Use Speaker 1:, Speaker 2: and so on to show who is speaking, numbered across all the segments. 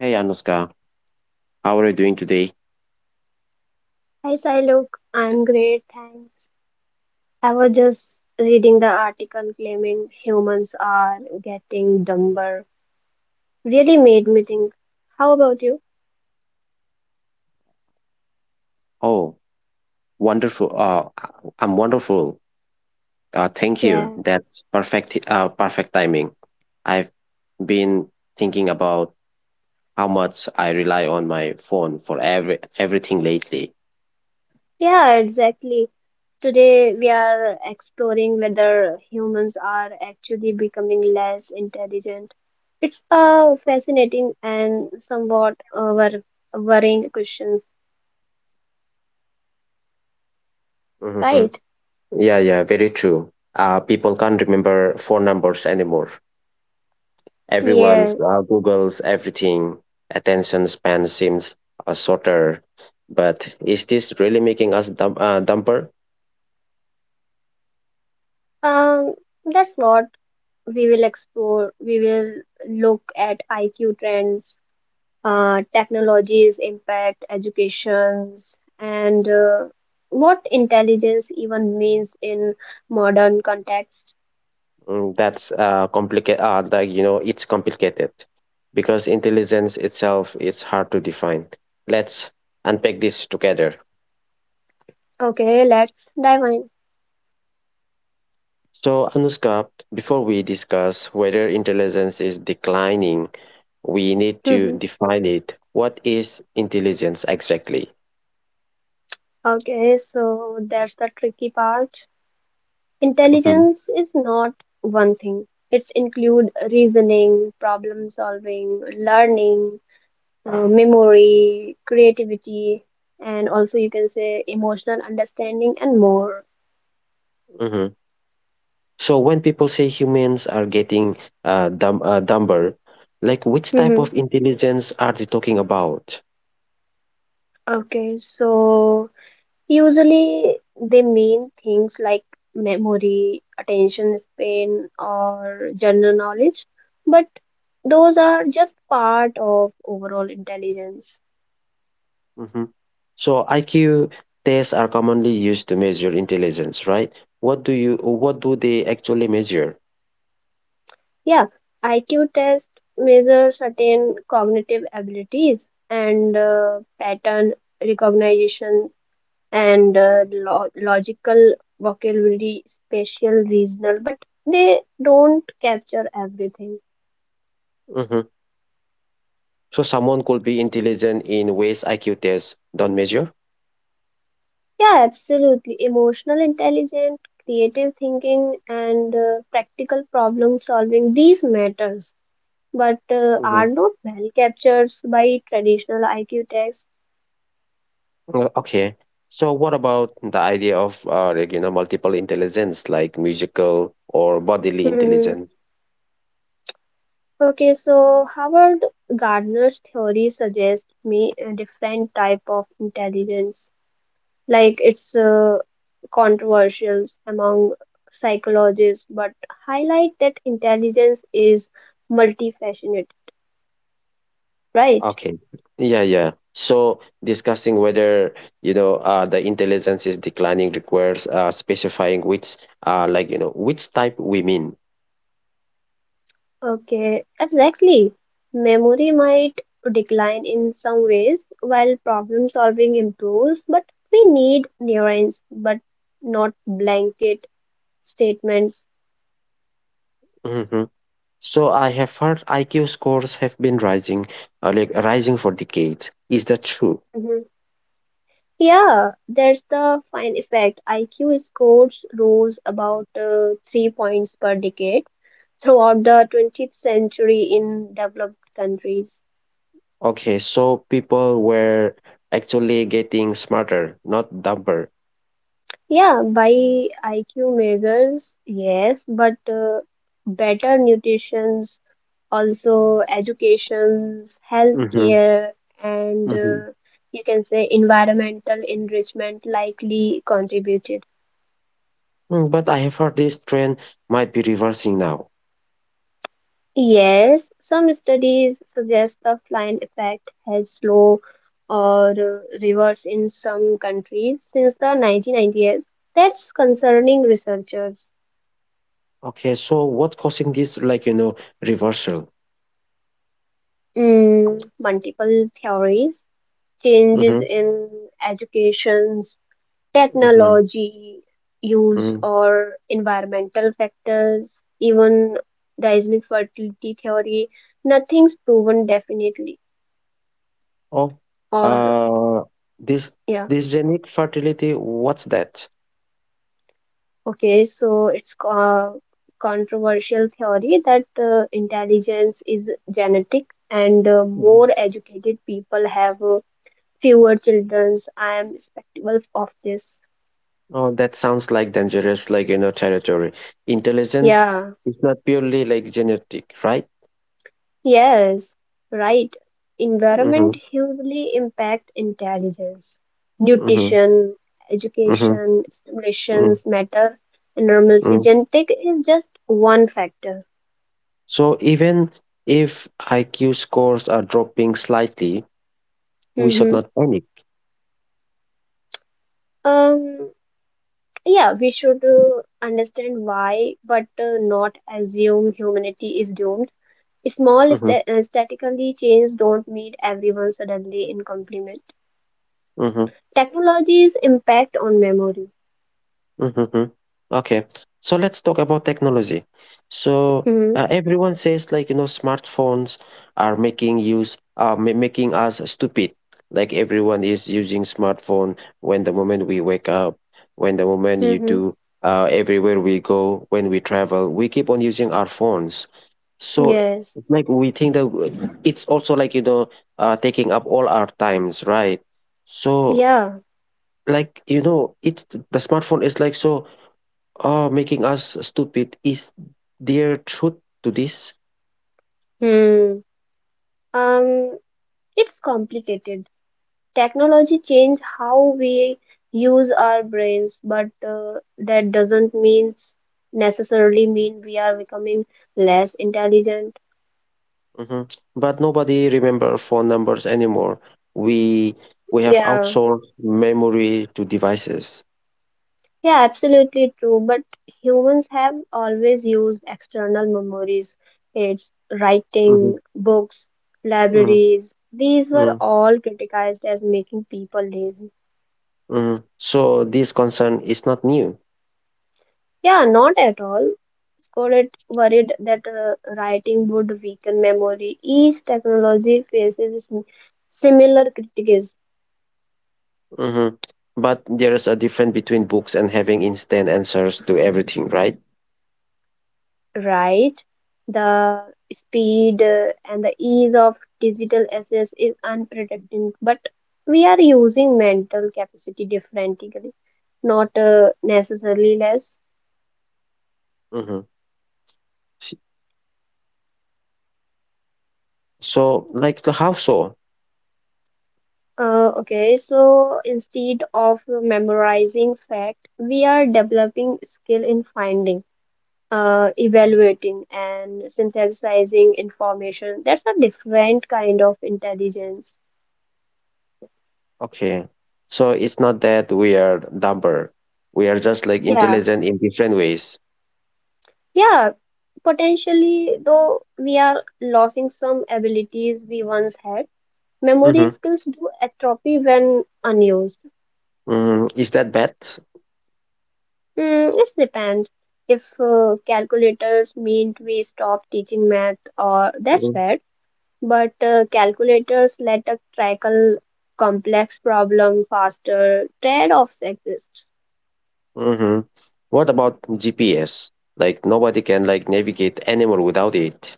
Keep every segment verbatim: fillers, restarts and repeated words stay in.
Speaker 1: Hey Anushka, how are you doing today?
Speaker 2: Hi, Sailok. I'm great, thanks. I was just reading the article claiming humans are getting dumber. Really made me think. How about you?
Speaker 1: Oh, wonderful. Uh, I'm wonderful. Uh, thank you.
Speaker 2: Yeah,
Speaker 1: That's perfect. Uh, perfect timing. I've been thinking about how much I rely on my phone for every everything lately.
Speaker 2: yeah, exactly. Today we are exploring whether humans are actually becoming less intelligent. It's a fascinating and somewhat uh, wor- worrying questions,
Speaker 1: hmm
Speaker 2: right?
Speaker 1: Yeah, yeah, very true. Uh, people can't remember phone numbers anymore. Everyone's
Speaker 2: Yes.
Speaker 1: uh, Googles everything. Attention span seems uh, shorter. But is this really making us dumb, uh, dumber?
Speaker 2: Um, that's what we will explore, we will look at I Q trends, uh, technologies impact, educations, and uh, what intelligence even means in modern context.
Speaker 1: Mm, that's uh, complicated. Uh, like you know, it's complicated because intelligence itself is hard to define. Let's unpack this together.
Speaker 2: Okay, let's dive in.
Speaker 1: So, Anuska, before we discuss whether intelligence is declining, we need to
Speaker 2: Mhm.
Speaker 1: define it. What is intelligence exactly?
Speaker 2: Okay, so that's the tricky part.
Speaker 1: hmm
Speaker 2: Intelligence is not one thing. It's include reasoning, problem solving, learning, uh, memory, creativity, and also you can say emotional understanding and more.
Speaker 1: hmm So, when people say humans are getting uh, dumb, uh, dumber, like which type
Speaker 2: Mm-hmm.
Speaker 1: of intelligence are they talking about?
Speaker 2: Okay, so usually they mean things like memory, attention span, or general knowledge, but those are just part of overall intelligence.
Speaker 1: Mhm. So I Q tests are commonly used to measure intelligence, right? What do you what do they actually measure?
Speaker 2: Yeah, I Q test measures certain cognitive abilities and uh, pattern recognition and uh, lo logical vocabulary, spatial, regional, but they don't capture everything.
Speaker 1: hmm So someone could be intelligent in ways I Q tests don't measure?
Speaker 2: Yeah, absolutely. Emotional intelligence, creative thinking, and uh, practical problem solving, these matters, but uh,
Speaker 1: hmm
Speaker 2: are not well captured by traditional I Q tests.
Speaker 1: okay. So what about the idea of uh, like, you know multiple intelligence like musical or bodily
Speaker 2: Mhm.
Speaker 1: intelligence?
Speaker 2: Okay, so Howard Gardner's theory suggests me a different type of intelligence. Like it's uh, controversial among psychologists, but highlight that intelligence is multifaceted, right?
Speaker 1: Okay. Yeah, yeah. So discussing whether, you know, uh, the intelligence is declining requires uh, specifying which, uh, like, you know, which type we mean.
Speaker 2: Okay, exactly. Memory might decline in some ways while problem solving improves, but we need neurons, but not blanket statements.
Speaker 1: hmm So I have heard I Q scores have been rising, uh, like rising for decades. Is that true?
Speaker 2: Mhm. Yeah, there's the fine effect. I Q scores rose about uh, three points per decade throughout the twentieth century in developed countries.
Speaker 1: Okay, so people were actually getting smarter, not dumber.
Speaker 2: Yeah, by I Q measures, yes, but uh, better nutrition's also education's
Speaker 1: Mm-hmm.
Speaker 2: healthcare and
Speaker 1: Mm-hmm.
Speaker 2: uh, you can say environmental enrichment likely contributed.
Speaker 1: Mm, but I have heard this trend might be reversing now.
Speaker 2: Yes, some studies suggest the flying effect has slow or uh, reverse in some countries since the nineteen nineties. That's concerning researchers.
Speaker 1: Okay, so what causing this, like, you know, reversal?
Speaker 2: Mm, multiple theories, changes
Speaker 1: Mm-hmm.
Speaker 2: in education,
Speaker 1: Mm-hmm.
Speaker 2: technology use,
Speaker 1: Mm-hmm.
Speaker 2: or environmental factors, even the Islamic fertility theory, nothing's proven definitely.
Speaker 1: Oh,
Speaker 2: Or,
Speaker 1: uh, this
Speaker 2: yeah.
Speaker 1: dysgenic fertility, what's that?
Speaker 2: Okay, so it's a controversial theory that uh, intelligence is genetic and uh, more
Speaker 1: Mhm.
Speaker 2: educated people have uh, fewer children. I am skeptical of this.
Speaker 1: Oh, that sounds like dangerous, like, you know, territory. Intelligence
Speaker 2: Yeah,
Speaker 1: is not purely like genetic, right?
Speaker 2: yes, right. Environment
Speaker 1: Mm-hmm.
Speaker 2: hugely impact intelligence.
Speaker 1: Mm-hmm.
Speaker 2: Nutrition,
Speaker 1: Mm-hmm.
Speaker 2: education, stimulations matter. And normalcy
Speaker 1: Mm-hmm.
Speaker 2: genetic is just one factor.
Speaker 1: So even if I Q scores are dropping slightly, we should
Speaker 2: Mm-hmm.
Speaker 1: not panic.
Speaker 2: Um, Yeah, we should uh, understand why, but uh, not assume humanity is doomed. Small
Speaker 1: Mm-hmm.
Speaker 2: sta- uh, statically change don't meet everyone suddenly in complement. Technology's impact on memory.
Speaker 1: Mhm. Okay. So let's talk about technology. So
Speaker 2: Hmm.
Speaker 1: uh, everyone says like you know smartphones are making use uh, ma- making us stupid. Like everyone is using smartphone when the moment we wake up, when the moment
Speaker 2: Hmm.
Speaker 1: you
Speaker 2: hmm.
Speaker 1: do uh, everywhere we go, when we travel, we keep on using our phones. So
Speaker 2: Yes.
Speaker 1: it's like we think that w- it's also like you know uh, taking up all our times, right? So
Speaker 2: Yeah.
Speaker 1: like you know it's the smartphone is like so. Oh, making us stupid is their truth to this.
Speaker 2: Hmm. Um. It's complicated. Technology changed how we use our brains, but uh, that doesn't mean necessarily mean we are becoming less intelligent.
Speaker 1: hmm But nobody remember phone numbers anymore. We we have
Speaker 2: Yeah.
Speaker 1: outsourced memory to devices.
Speaker 2: Yeah, absolutely true. But humans have always used external memories aids,
Speaker 1: hmm
Speaker 2: writing, books,
Speaker 1: hmm
Speaker 2: libraries. These were all criticized as making people lazy.
Speaker 1: hmm So this concern is not new.
Speaker 2: Yeah, not at all. Scollett worried that uh, writing would weaken memory. Each technology faces sim- similar critiques.
Speaker 1: hmm But there is a difference between books and having instant answers to everything, right?
Speaker 2: Right. The speed uh, and the ease of digital access is unpredictable, but we are using mental capacity differently, not uh, necessarily less.
Speaker 1: hmm So like the how so?
Speaker 2: Uh, okay, so instead of memorizing fact, we are developing skill in finding, uh, evaluating, and synthesizing information. That's a different kind of intelligence.
Speaker 1: Okay. So it's not that we are dumber. We are just like
Speaker 2: Yeah.
Speaker 1: intelligent in different ways.
Speaker 2: Yeah, potentially, though we are losing some abilities we once had, memory
Speaker 1: Mm-hmm.
Speaker 2: skills do atrophy when unused.
Speaker 1: Mm, is that bad?
Speaker 2: Mm, it depends if uh, calculators meant we stop teaching math, or that's
Speaker 1: Mm-hmm.
Speaker 2: fair, but uh, calculators let us tackle complex problems faster, trade-offs exist.
Speaker 1: Mm-hmm. What about G P S? Like nobody can like navigate anymore without it.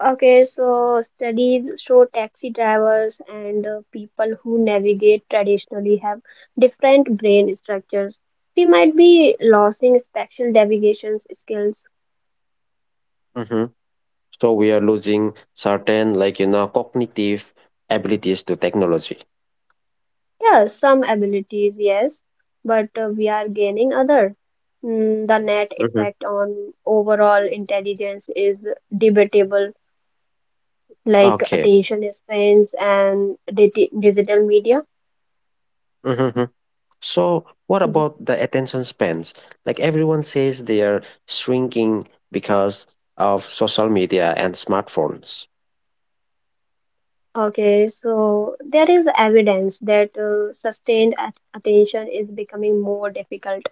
Speaker 2: Okay, so studies show taxi drivers and uh, people who navigate traditionally have different brain structures. We might be losing spatial navigation skills.
Speaker 1: Mm-hmm. So we are losing certain like you know cognitive abilities to technology.
Speaker 2: Yes, some abilities, yes, but uh, we are gaining other. Mm, the net
Speaker 1: Mm-hmm.
Speaker 2: effect on overall intelligence is debatable, like
Speaker 1: Okay.
Speaker 2: attention spans and digi- digital media.
Speaker 1: hmm So, what about the attention spans? Like everyone says they are shrinking because of social media and smartphones.
Speaker 2: Okay, so there is evidence that uh, sustained at- attention is becoming more difficult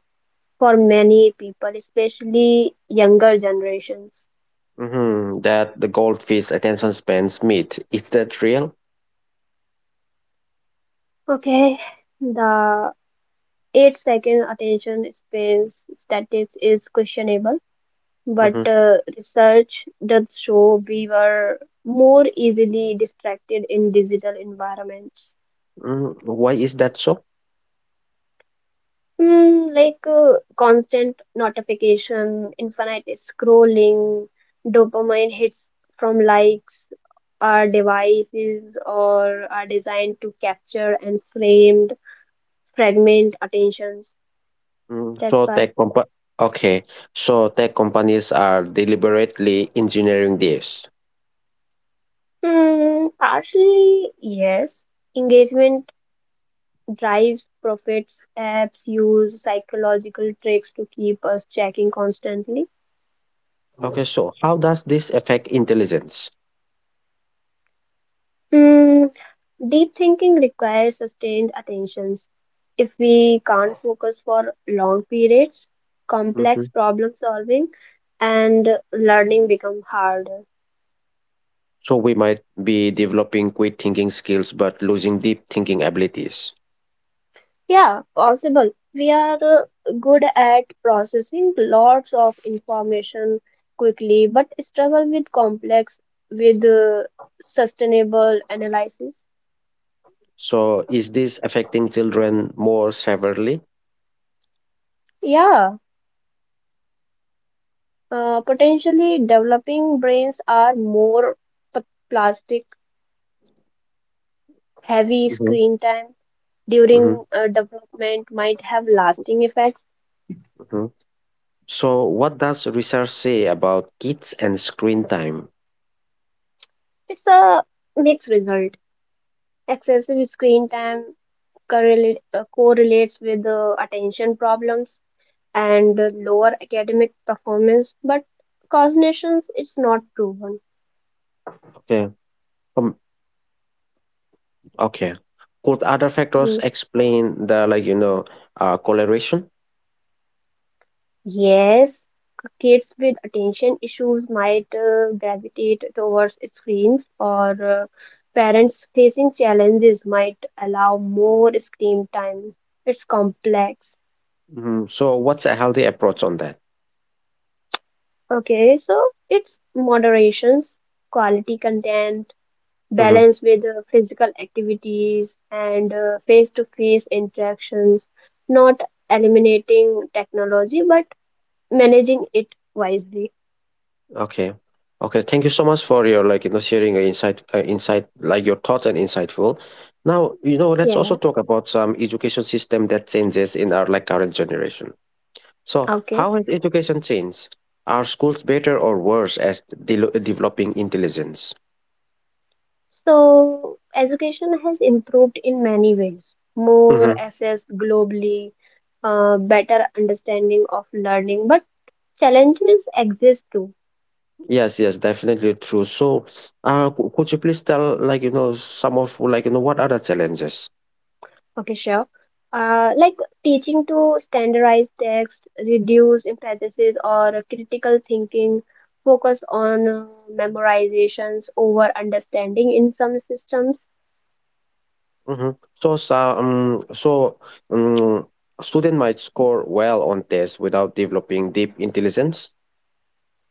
Speaker 2: for many people, especially younger generations.
Speaker 1: hmm That the goldfish attention spans meet. Is that real?
Speaker 2: Okay, the eight second attention span statistics is questionable, but
Speaker 1: hmm
Speaker 2: uh, research does show we were more easily distracted in digital environments.
Speaker 1: mm Why is that so?
Speaker 2: Mm, like uh, constant notification, infinite scrolling, dopamine hits from likes. Our devices or are designed to capture and framed fragment attentions.
Speaker 1: Mm,
Speaker 2: That's
Speaker 1: So
Speaker 2: why.
Speaker 1: tech compa- okay. So tech companies are deliberately engineering this.
Speaker 2: Mm, partially, yes. Engagement drives profits. Apps use psychological tricks to keep us checking constantly.
Speaker 1: Okay, so how does this affect intelligence?
Speaker 2: Mm, deep thinking requires sustained attentions. If we can't focus for long periods,
Speaker 1: hmm
Speaker 2: complex problem solving and learning become harder.
Speaker 1: So we might be developing quick thinking skills but losing deep thinking abilities.
Speaker 2: Yeah, possible. We are uh, good at processing lots of information quickly, but struggle with complex with uh, sustainable analysis.
Speaker 1: So is this affecting children more severely?
Speaker 2: Yeah, uh, potentially developing brains are more p- plastic heavy
Speaker 1: hmm
Speaker 2: screen time
Speaker 1: hmm
Speaker 2: during uh, development might have lasting effects.
Speaker 1: hmm So what does research say about kids and screen time?
Speaker 2: It's a mixed result. Excessive screen time correlate, uh, correlates with uh, attention problems and uh, lower academic performance, but cognitions it's not proven.
Speaker 1: Okay. Um, okay. Could other factors
Speaker 2: Hmm.
Speaker 1: explain the like you know uh, correlation?
Speaker 2: Yes, kids with attention issues might uh, gravitate towards screens or uh, parents facing challenges might allow more screen time. It's complex.
Speaker 1: hmm So what's a healthy approach on that?
Speaker 2: Okay, so it's moderations, quality content, balance with uh, physical activities and uh, face-to-face interactions, not eliminating technology but managing it wisely.
Speaker 1: Okay. Okay, thank you so much for your like you know sharing your insight uh, insight like your thoughts and insightful. Now, you know, let's also
Speaker 2: Yeah,
Speaker 1: talk about some education system that changes in our like current generation. So,
Speaker 2: okay.
Speaker 1: how has education changed? Are schools better or worse at de- developing intelligence?
Speaker 2: So education has improved in many ways. More
Speaker 1: Mm-hmm.
Speaker 2: access globally, uh, better understanding of learning, but challenges exist too.
Speaker 1: Yes, yes, definitely true. So, uh, c- could you please tell like you know some of like you know what are the challenges?
Speaker 2: Okay, sure. Uh, like teaching to standardize text, reduce emphasis or critical thinking, focus on uh, memorizations over understanding in some systems.
Speaker 1: Mhm. So some so um, student might score well on tests without developing deep intelligence.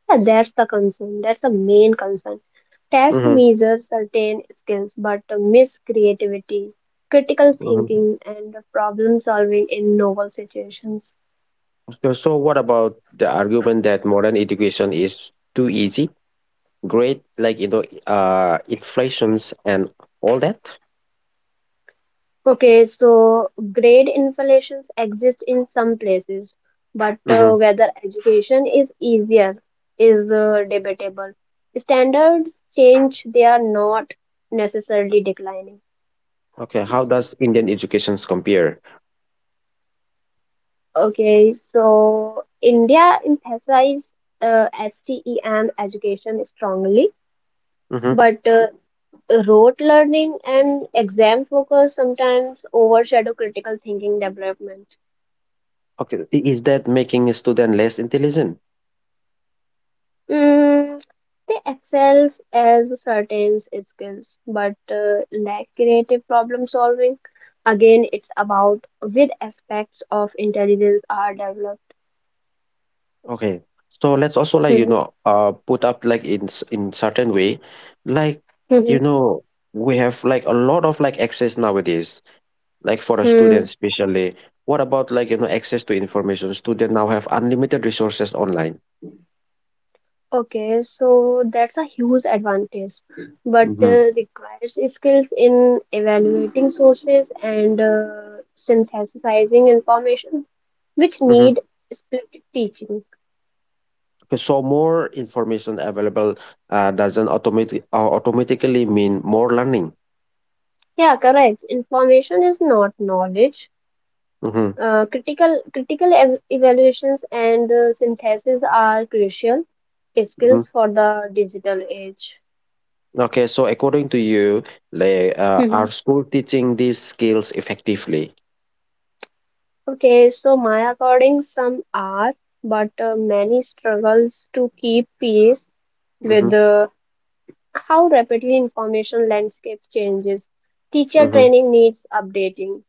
Speaker 2: Yeah, that's the concern. That's the main concern. Test
Speaker 1: hmm
Speaker 2: measures certain skills, but miss creativity, critical
Speaker 1: hmm
Speaker 2: thinking, and problem solving in novel situations.
Speaker 1: So, so what about the argument that modern education is too easy, great, like you know, uh, inflations and all that?
Speaker 2: Okay, so grade inflations exist in some places, but
Speaker 1: hmm
Speaker 2: uh, whether education is easier is uh, debatable. Standards change, they are not necessarily declining.
Speaker 1: Okay, how does Indian educations compare?
Speaker 2: Okay, so India emphasized uh, STEM education strongly,
Speaker 1: hmm
Speaker 2: but uh, rote learning and exam focus sometimes overshadow critical thinking development.
Speaker 1: Okay, i- is that making a student less intelligent?
Speaker 2: Mm, they excels as certain skills but uh, lack creative problem solving. Again, it's about which aspects of intelligence are developed.
Speaker 1: Okay. So let's also, like, you
Speaker 2: Hmm.
Speaker 1: know, uh put up like in s- in certain way, like,
Speaker 2: hmm
Speaker 1: you know, we have like a lot of like access nowadays, like for a
Speaker 2: Hmm.
Speaker 1: student
Speaker 2: hmm.
Speaker 1: especially. What about, like, you know, access to information? Student now have unlimited resources online.
Speaker 2: Okay, so that's a huge advantage, but
Speaker 1: Mm-hmm.
Speaker 2: uh, requires skills in evaluating sources and uh, synthesizing information, which
Speaker 1: Mm-hmm.
Speaker 2: need split teaching.
Speaker 1: Okay, so more information available uh, doesn't automatic uh, automatically mean more learning.
Speaker 2: Yeah, correct. Information is not knowledge.
Speaker 1: Mm-hmm.
Speaker 2: Uh, critical critical ev- evaluations and uh, synthesis are crucial
Speaker 1: Mm-hmm.
Speaker 2: skills for the digital age.
Speaker 1: Okay, so according to you, like, uh, are
Speaker 2: Mhm.
Speaker 1: school teaching these skills effectively?
Speaker 2: Okay, so my according some are, but uh, many struggles to keep pace with
Speaker 1: Mm-hmm.
Speaker 2: uh, how rapidly information landscape changes. Teacher
Speaker 1: Mm-hmm.
Speaker 2: training needs updating.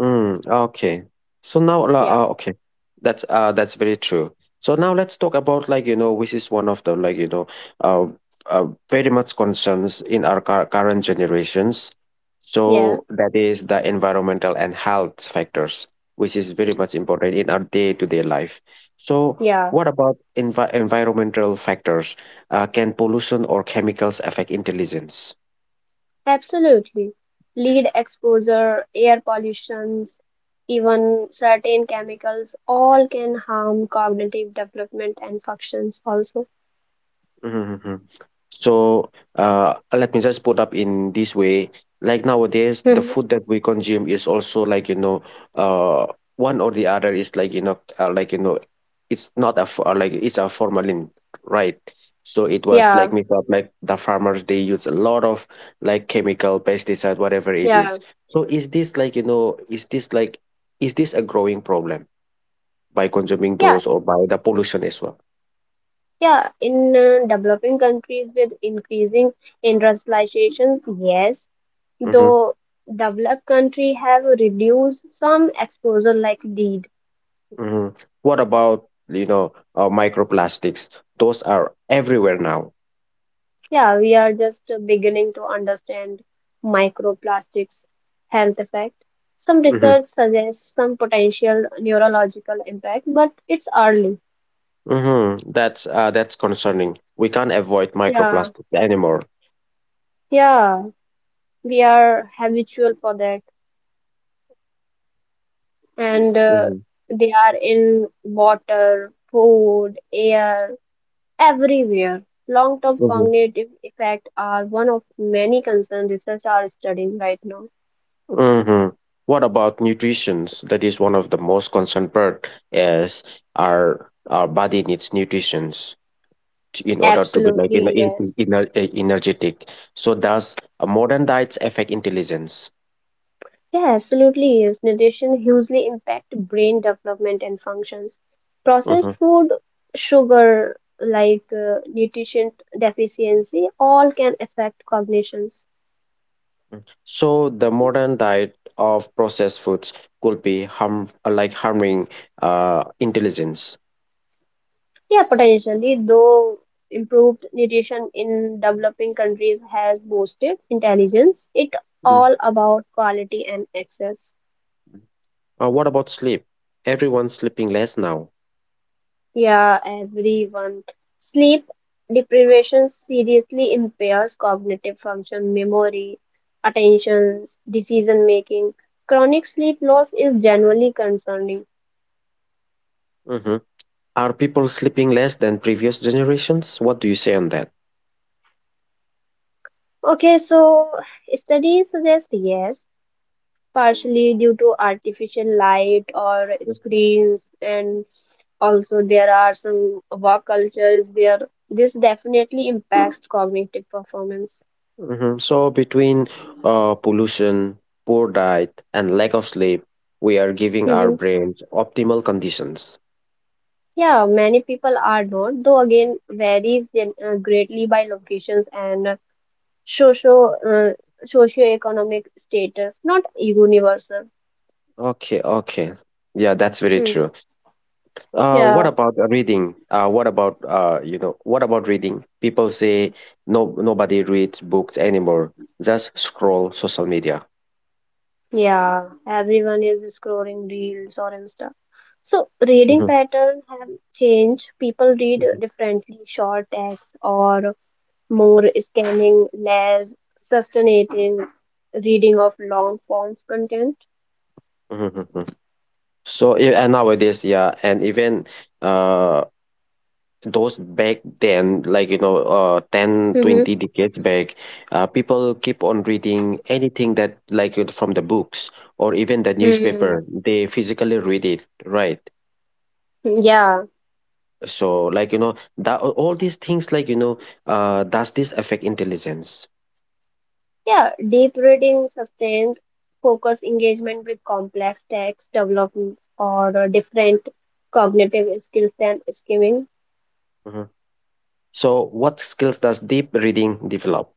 Speaker 1: Mm, okay. So now,
Speaker 2: Yeah,
Speaker 1: la- uh, okay, that's uh, that's very true. So now let's talk about like you know, which is one of the like you know, uh, uh very much concerns in our cur- current generations.
Speaker 2: yeah,
Speaker 1: So that is the environmental and health factors, which is very much important in our day-to-day life. So
Speaker 2: yeah.
Speaker 1: what about envi environmental factors? Uh, can pollution or chemicals affect intelligence?
Speaker 2: Absolutely. Lead exposure, air pollutions, even certain chemicals, all can harm cognitive development and functions also.
Speaker 1: Mhm, mhm. So uh, let me just put up in this way. Like nowadays, the
Speaker 2: Mhm.
Speaker 1: food that we consume is also like you know, uh, one or the other is like you know, uh, like you know, it's not a f- uh, like it's a formalin, right? So it was
Speaker 2: Yeah,
Speaker 1: like mixed up. Like the farmers, they use a lot of like chemical pesticide, whatever it
Speaker 2: yeah,
Speaker 1: is. So is this like you know, is this like is this a growing problem by consuming
Speaker 2: yeah,
Speaker 1: those or by the pollution as well?
Speaker 2: yeah. In uh, developing countries with increasing industrializations, yes,
Speaker 1: Mm-hmm.
Speaker 2: though developed country have reduced some exposure like lead.
Speaker 1: Mhm. What about you know uh, microplastics? Those are everywhere now.
Speaker 2: Yeah, we are just uh, beginning to understand microplastics' health effect. Some
Speaker 1: hmm
Speaker 2: research suggests some potential neurological impact, but it's early.
Speaker 1: hmm That's uh, that's concerning. We can't avoid
Speaker 2: Yeah,
Speaker 1: microplastics anymore.
Speaker 2: yeah, we are habitual for that, and uh,
Speaker 1: hmm
Speaker 2: they are in water, food, air, everywhere. Long-term
Speaker 1: hmm
Speaker 2: cognitive effects are one of many concerns research are studying right now.
Speaker 1: hmm What about nutritions? That is one of the most concerned part. Is our our body needs nutritions to- in order to be like in,
Speaker 2: Absolutely,
Speaker 1: in, in,
Speaker 2: yes.
Speaker 1: ener- energetic. So does a modern diets affect intelligence?
Speaker 2: Yeah, absolutely is. Nutrition hugely impact brain development and functions. Processed
Speaker 1: Mm-hmm.
Speaker 2: food, sugar, like uh, nutrition deficiency, all can affect cognitions.
Speaker 1: So the modern diet of processed foods could be harm like harming uh, intelligence.
Speaker 2: Yeah, potentially, though improved nutrition in developing countries has boosted intelligence, it
Speaker 1: Mhm.
Speaker 2: all about quality and access.
Speaker 1: Uh, what about sleep? Everyone's sleeping less now.
Speaker 2: Yeah, everyone. Sleep deprivation seriously impairs cognitive function, memory, attention, decision making. Chronic sleep loss is generally concerning.
Speaker 1: Mhm. Are people sleeping less than previous generations? What do you say on that?
Speaker 2: Okay, so studies suggest yes, partially due to artificial light or screens, and also there are some work cultures there. This definitely impacts cognitive performance.
Speaker 1: Mhm. So between uh, pollution, poor diet, and lack of sleep, we are giving our brains optimal conditions.
Speaker 2: Yeah, many people are not, though again varies gen- uh, greatly by locations and uh, socio uh, socioeconomic status, not universal.
Speaker 1: Okay, okay. Yeah, that's very
Speaker 2: Hmm.
Speaker 1: true. Uh, what
Speaker 2: Yeah,
Speaker 1: about uh, reading? Uh, what about uh, you know, What about reading? People say no, nobody reads books anymore. Just scroll social media.
Speaker 2: yeah. Everyone is scrolling reels or Insta. So reading
Speaker 1: Mhm,
Speaker 2: pattern have changed. People read
Speaker 1: mhm,
Speaker 2: differently, short text or more scanning, less sustaining reading of long forms content.
Speaker 1: mhm, mhm. mhm. So yeah, and nowadays, yeah, and even uh, those back then, like you know, uh, ten
Speaker 2: Mm-hmm.
Speaker 1: twenty decades back, uh, people keep on reading anything that like it from the books or even the
Speaker 2: hmm
Speaker 1: newspaper. They physically read it, right?
Speaker 2: Yeah.
Speaker 1: So like you know that all these things like you know uh, does this affect intelligence?
Speaker 2: Yeah, deep reading sustains focus engagement with complex text development or uh, different cognitive skills than skimming.
Speaker 1: Mhm. So what skills does deep reading develop?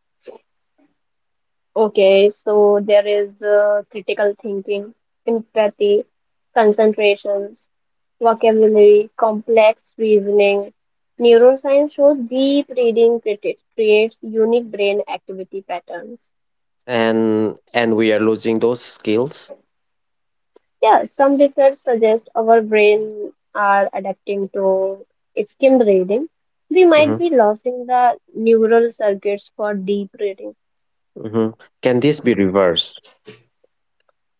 Speaker 2: Okay, so there is uh, critical thinking, empathy, concentrations, vocabulary, complex reasoning. Neuroscience shows deep reading criti- creates unique brain activity patterns.
Speaker 1: and and we are losing those skills.
Speaker 2: Yeah, some research suggests our brain are adapting to skim reading. We might
Speaker 1: Mhm.
Speaker 2: be losing the neural circuits for deep reading.
Speaker 1: Mhm. Can this be reversed?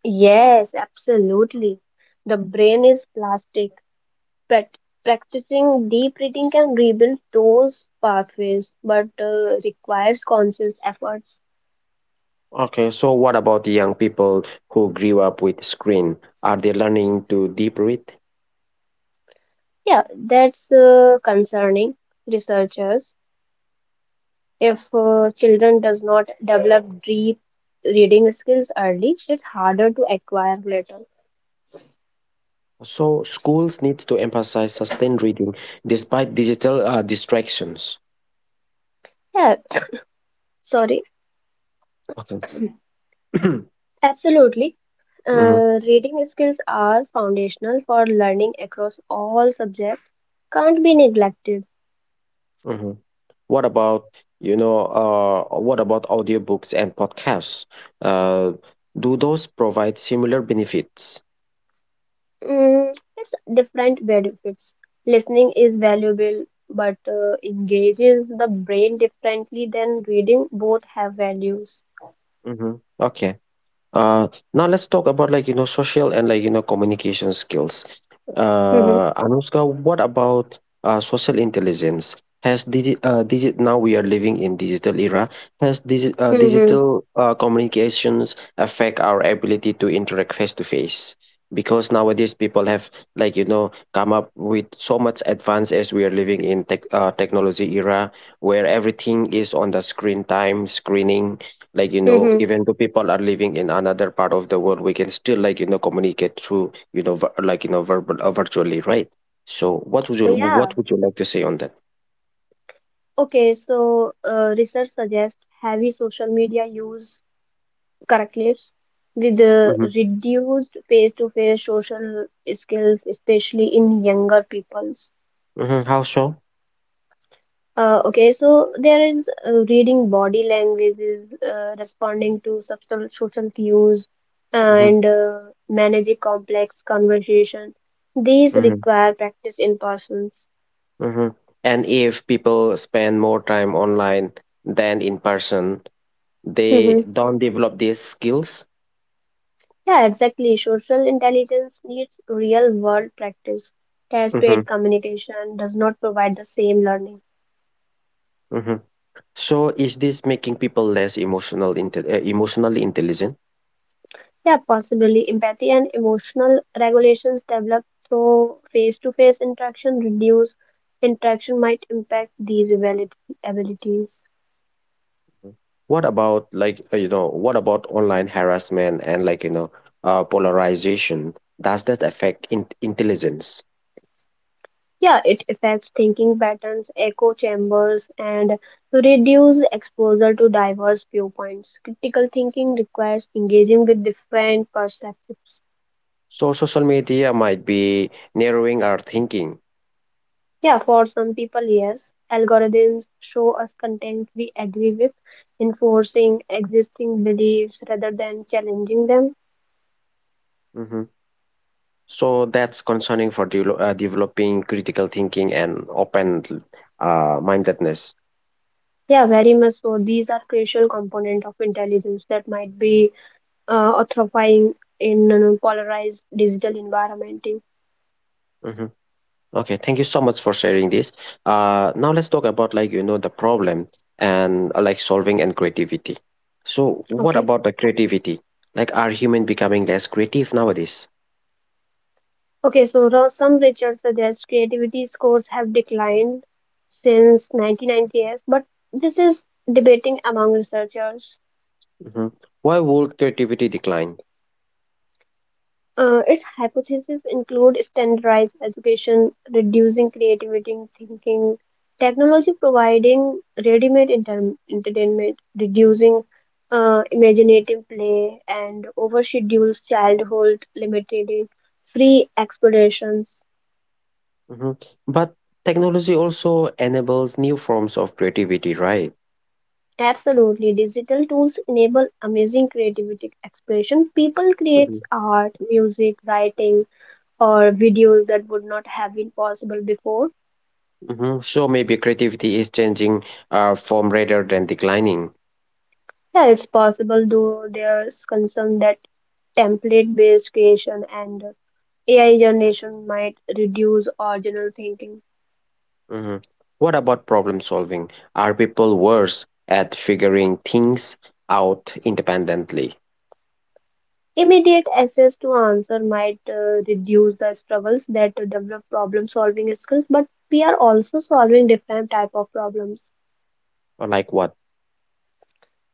Speaker 2: Yes, absolutely. The brain is plastic, but practicing deep reading can rebuild those pathways, but uh, requires conscious efforts.
Speaker 1: Okay, so what about the young people who grew up with screen, are they learning to deep read?
Speaker 2: Yeah, that's uh, concerning researchers. If uh, children does not develop deep reading skills early, it's harder to acquire later.
Speaker 1: So schools need to emphasize sustained reading despite digital uh, distractions.
Speaker 2: Yeah, sorry.
Speaker 1: Okay.
Speaker 2: Absolutely.
Speaker 1: Mhm.
Speaker 2: Uh, reading skills are foundational for learning across all subjects, can't be neglected.
Speaker 1: Mhm. What about, you know, uh, what about audiobooks and podcasts? Uh, do those provide similar benefits?
Speaker 2: Mm, it's different benefits. Listening is valuable but uh, engages the brain differently than reading. Both have values.
Speaker 1: hmm Okay. Uh, now let's talk about like you know social and like you know communication skills.
Speaker 2: Mm-hmm.
Speaker 1: Uh, Anushka, what about uh, social intelligence? Has digi- uh, digi- now we are living in digital era. Has digi- uh,
Speaker 2: Mm-hmm.
Speaker 1: digital uh, communications affect our ability to interact face to face? Because nowadays people have like you know come up with so much advance as we are living in tech uh, technology era where everything is on the screen time screening, like you know
Speaker 2: Mm-hmm.
Speaker 1: even though people are living in another part of the world, we can still like you know communicate through you know ver- like you know verbal uh, virtually, right? So what would you
Speaker 2: So, yeah.
Speaker 1: what would you like to say on that?
Speaker 2: Okay, so uh, research suggests heavy social media use correctly with the
Speaker 1: hmm
Speaker 2: reduced face-to-face social skills, especially in younger peoples.
Speaker 1: hmm how so?
Speaker 2: Uh, okay, so there is uh, reading body languages, uh, responding to subtle social cues,
Speaker 1: hmm
Speaker 2: and uh, managing complex conversation. These
Speaker 1: hmm
Speaker 2: require practice in persons.
Speaker 1: hmm and if people spend more time online than in person, they don't develop these skills.
Speaker 2: Yeah, exactly. Social intelligence needs real world practice. Test based
Speaker 1: hmm
Speaker 2: communication does not provide the same learning.
Speaker 1: hmm so is this making people less emotional inte- uh, emotionally intelligent?
Speaker 2: Yeah, possibly empathy and emotional regulations developed through face to face interaction reduce interaction might impact these abili- abilities.
Speaker 1: What about like uh, you know what about online harassment and like you know uh, polarization? Does that affect in- intelligence?
Speaker 2: Yeah, it affects thinking patterns, echo chambers, and reduce exposure to diverse viewpoints. Critical thinking requires engaging with different perspectives.
Speaker 1: So social media might be narrowing our thinking.
Speaker 2: Yeah, for some people, yes. Algorithms show us content we agree with, enforcing existing beliefs rather than challenging them.
Speaker 1: hmm So that's concerning for de- uh, developing critical thinking and open uh, mindedness.
Speaker 2: Yeah, very much so. These are crucial component of intelligence that might be uh, authorizing in a polarized digital environment.
Speaker 1: Mm-hmm. Okay, thank you so much for sharing this. Uh, now let's talk about like you know the problem and uh, like solving and creativity. So what
Speaker 2: Okay.
Speaker 1: about the creativity? Like, are human becoming less creative nowadays?
Speaker 2: Okay, so now some research suggests creativity scores have declined since nineteen nineties, but this is debating among researchers.
Speaker 1: hmm Why would creativity decline?
Speaker 2: Uh, its hypotheses include standardized education, reducing creativity in thinking, technology providing ready-made enter- entertainment, reducing uh, imaginative play, and overschedules childhood, limiting free explorations.
Speaker 1: hmm But technology also enables new forms of creativity, right?
Speaker 2: Absolutely, digital tools enable amazing creativity expression. People
Speaker 1: hmm
Speaker 2: create art, music, writing, or videos that would not have been possible before.
Speaker 1: hmm So maybe creativity is changing uh, form rather than declining.
Speaker 2: Yeah, it's possible, though there's concern that template-based creation and A I generation might reduce original thinking.
Speaker 1: Mhm. What about problem solving? Are people worse at figuring things out independently?
Speaker 2: Immediate access to answer might uh, reduce the struggles that develop problem-solving skills, but we are also solving different type of problems,
Speaker 1: Or like what?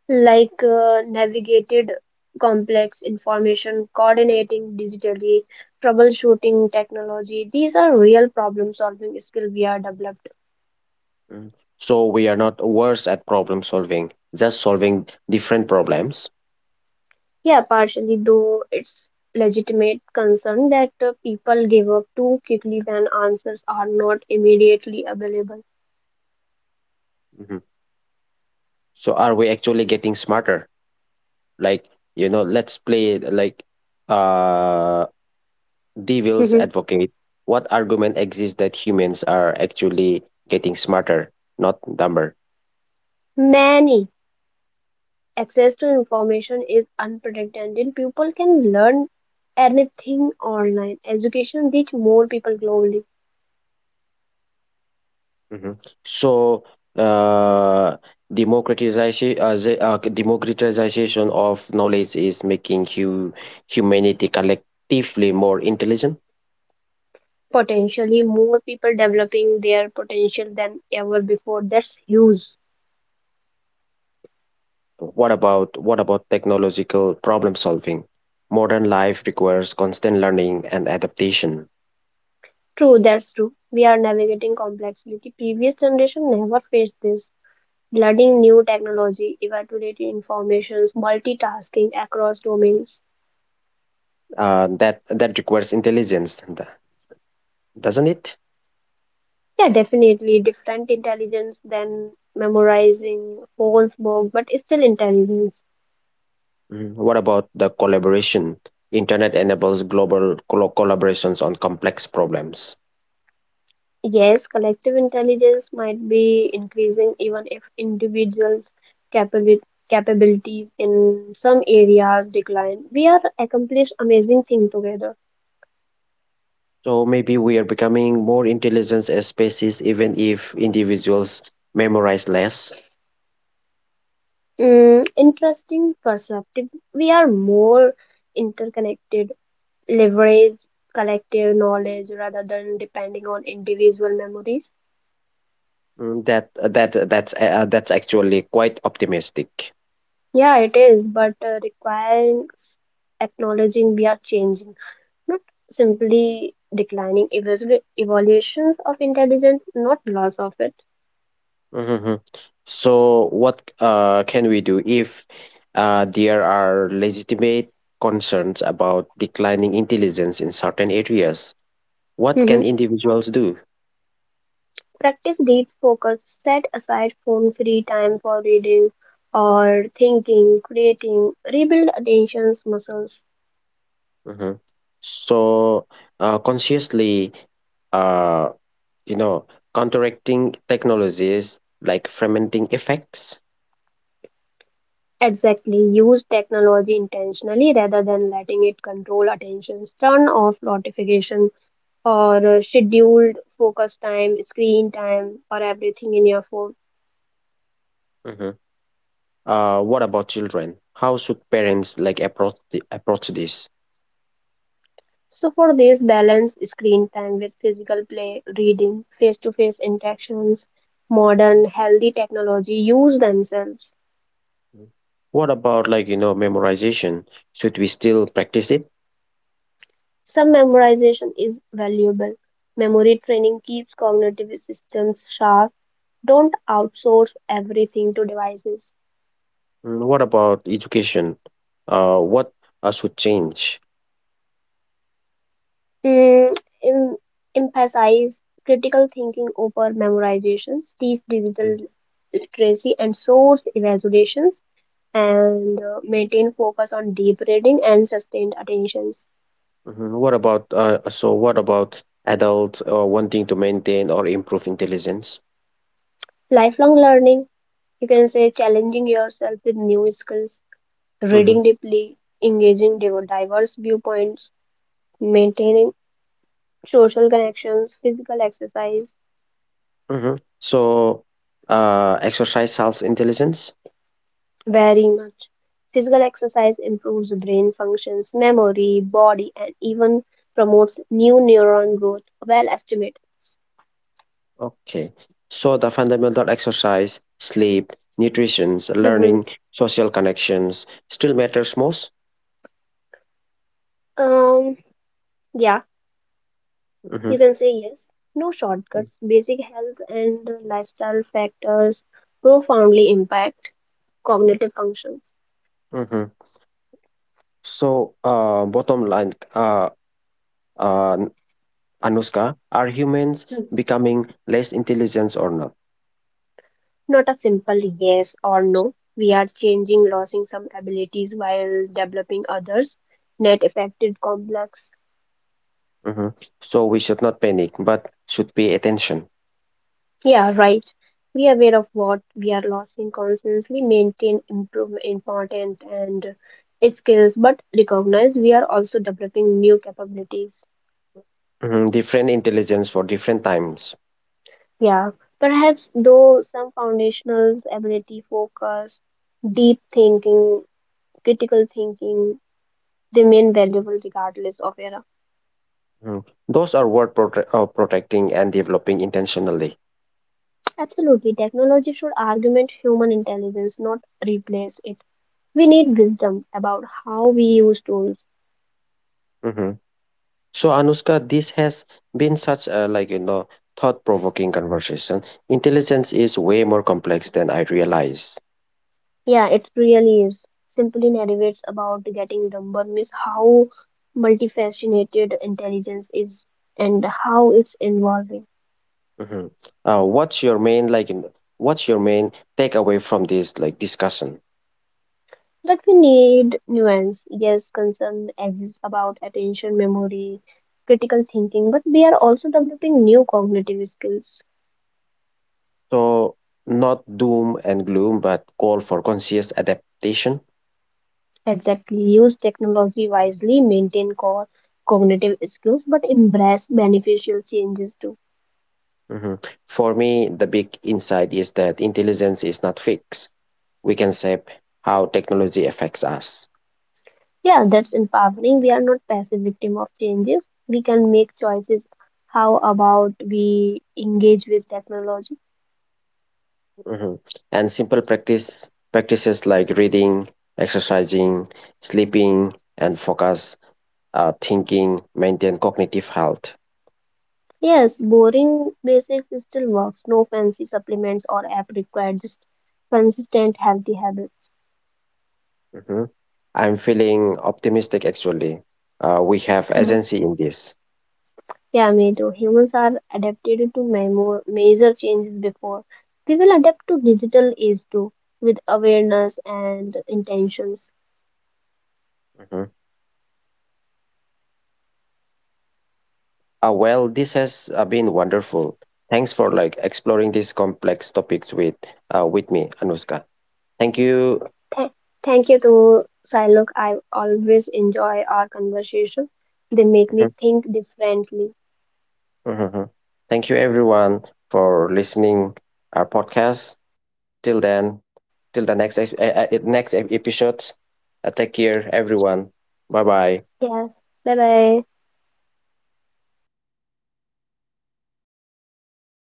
Speaker 2: like uh, navigated complex information, coordinating digitally, troubleshooting technology. These are real problem-solving skill we are developed.
Speaker 1: Mm. So we are not worse at problem solving, just solving different problems.
Speaker 2: Yeah, partially, though it's legitimate concern that uh, people give up too quickly when answers are not immediately available.
Speaker 1: Mhm. So are we actually getting smarter? Like, you know, let's play like uh devil's
Speaker 2: Mhm.
Speaker 1: advocate. What argument exists that humans are actually getting smarter, not dumber?
Speaker 2: Many access to information is unprotected, and people can learn anything online. Education reach more people globally,
Speaker 1: Mhm. So, uh, democratization, uh, the- uh, democratization of knowledge is making hu humanity collectively more intelligent.
Speaker 2: potentially more people developing their potential than ever before. That's huge.
Speaker 1: What about what about technological problem solving? Modern life requires constant learning and adaptation.
Speaker 2: True, that's true. We are navigating complexity. Previous generation never faced this. Learning new technology, evaluating informations, multitasking across domains.
Speaker 1: Uh, that that requires intelligence, th- doesn't it?
Speaker 2: Yeah, definitely different intelligence than memorizing whole book, but it's still intelligence.
Speaker 1: Mm, what about the collaboration? Internet enables global col- collaborations on complex problems.
Speaker 2: Yes, collective intelligence might be increasing even if individuals' capabil capabilities in some areas decline. We are accomplished amazing thing together.
Speaker 1: So maybe we are becoming more intelligent as species, even if individuals memorize less.
Speaker 2: Mm, interesting perspective. We are more interconnected leverage collective knowledge rather than depending on individual memories?
Speaker 1: Mm, That that that's uh, uh, that's actually quite optimistic.
Speaker 2: Yeah, it is, but uh, requires acknowledging we are changing, not simply declining evolu- evolutions of intelligence, not loss of it.
Speaker 1: Mhm. So what uh, can we do if uh, there are legitimate concerns about declining intelligence in certain areas? What can
Speaker 2: Hmm.
Speaker 1: individuals do?
Speaker 2: Practice deep focus, set aside phone free time for reading or thinking, creating, rebuild attention's muscles.
Speaker 1: Mhm. So, uh, consciously, uh, you know, counteracting technologies like fermenting effects.
Speaker 2: Exactly, use technology intentionally rather than letting it control attentions. Turn off notification or uh, scheduled focus time, screen time, or everything in your phone.
Speaker 1: Mhm. Uh, what about children? How should parents like approach the, approach this?
Speaker 2: So for this, balance screen time with physical play, reading, face-to-face interactions, modern healthy technology use themselves.
Speaker 1: Mm. What about like you know memorization? Should we still practice it?
Speaker 2: Some memorization is valuable. Memory training keeps cognitive systems sharp. Don't outsource everything to devices.
Speaker 1: Mm, what about education? Uh, what uh, should change?
Speaker 2: mm, em- Emphasize critical thinking over memorizations, teach digital literacy and source evaluations, and uh, maintain focus on deep reading and sustained attentions.
Speaker 1: Mhm. What about uh, so what about adults uh, wanting to maintain or improve intelligence?
Speaker 2: Lifelong learning, you can say challenging yourself with new skills,
Speaker 1: hmm
Speaker 2: reading deeply, engaging div- diverse viewpoints, maintaining social connections, physical exercise.
Speaker 1: hmm So uh, exercise helps intelligence.
Speaker 2: Very much. Physical exercise improves brain functions, memory, body, and even promotes new neuron growth. Well estimated.
Speaker 1: Okay. So the fundamental exercise, sleep, nutrition,
Speaker 2: Mhm.
Speaker 1: learning, social connections still matters most.
Speaker 2: um, yeah,
Speaker 1: hmm
Speaker 2: you can say yes. No shortcuts. Basic health and lifestyle factors profoundly impact cognitive functions.
Speaker 1: hmm So uh, bottom line, uh, uh, Anushka, are humans
Speaker 2: Hmm.
Speaker 1: becoming less intelligent or not?
Speaker 2: Not a simple yes or no. We are changing, losing some abilities while developing others. Net affected complex.
Speaker 1: Mhm. So we should not panic, but should pay attention.
Speaker 2: Yeah, right. Be aware of what we are losing, constantly maintain improve important and skills, but recognize we are also developing new capabilities.
Speaker 1: Mhm. Different intelligence for different times.
Speaker 2: Yeah, perhaps though some foundational ability, focus, deep thinking, critical thinking remain valuable regardless of era.
Speaker 1: Mhm. Those are worth prote- uh, protecting and developing intentionally.
Speaker 2: Absolutely, technology should augment human intelligence, not replace it. We need wisdom about how we use tools.
Speaker 1: Mhm. So Anushka, this has been such a like you know thought-provoking conversation. Intelligence is way more complex than I realize.
Speaker 2: Yeah, it really is. Simply narrates about getting number miss how multifaceted intelligence is and how it's involving.
Speaker 1: Mhm. Uh, what's your main like? you know, what's your main takeaway from this like discussion?
Speaker 2: That we need nuance. Yes, concern exists about attention, memory, critical thinking, but we are also developing new cognitive skills.
Speaker 1: So not doom and gloom, but call for conscious adaptation.
Speaker 2: Exactly, use technology wisely, maintain core cognitive skills, but embrace beneficial changes too.
Speaker 1: Mhm. For me, the big insight is that intelligence is not fixed. We can shape how technology affects us.
Speaker 2: Yeah, that's empowering. We are not passive victim of changes. We can make choices. How about we engage with technology?
Speaker 1: Mhm. And simple practice practices like reading, exercising, sleeping, and focus uh, thinking maintain cognitive health.
Speaker 2: Yes, boring basics still works. No fancy supplements or app required. Just consistent, healthy habits.
Speaker 1: Mhm. I'm feeling optimistic actually. Uh, we have agency in this.
Speaker 2: Yeah, me too. Humans are adapted to memo- major changes before. We will adapt to digital age too, with awareness and intentions.
Speaker 1: Mhm. Uh, well, this has uh, been wonderful. Thanks for like exploring these complex topics with uh, with me, Anuska. Thank you.
Speaker 2: Th- Thank you to Silok. I always enjoy our conversation. They make
Speaker 1: Mhm,
Speaker 2: me think differently.
Speaker 1: mhm, mhm. Thank you, everyone, for listening our podcast. Till then, till the next ex- uh, uh, next episode. Uh, take care, everyone. Bye bye.
Speaker 2: Yeah. Bye bye.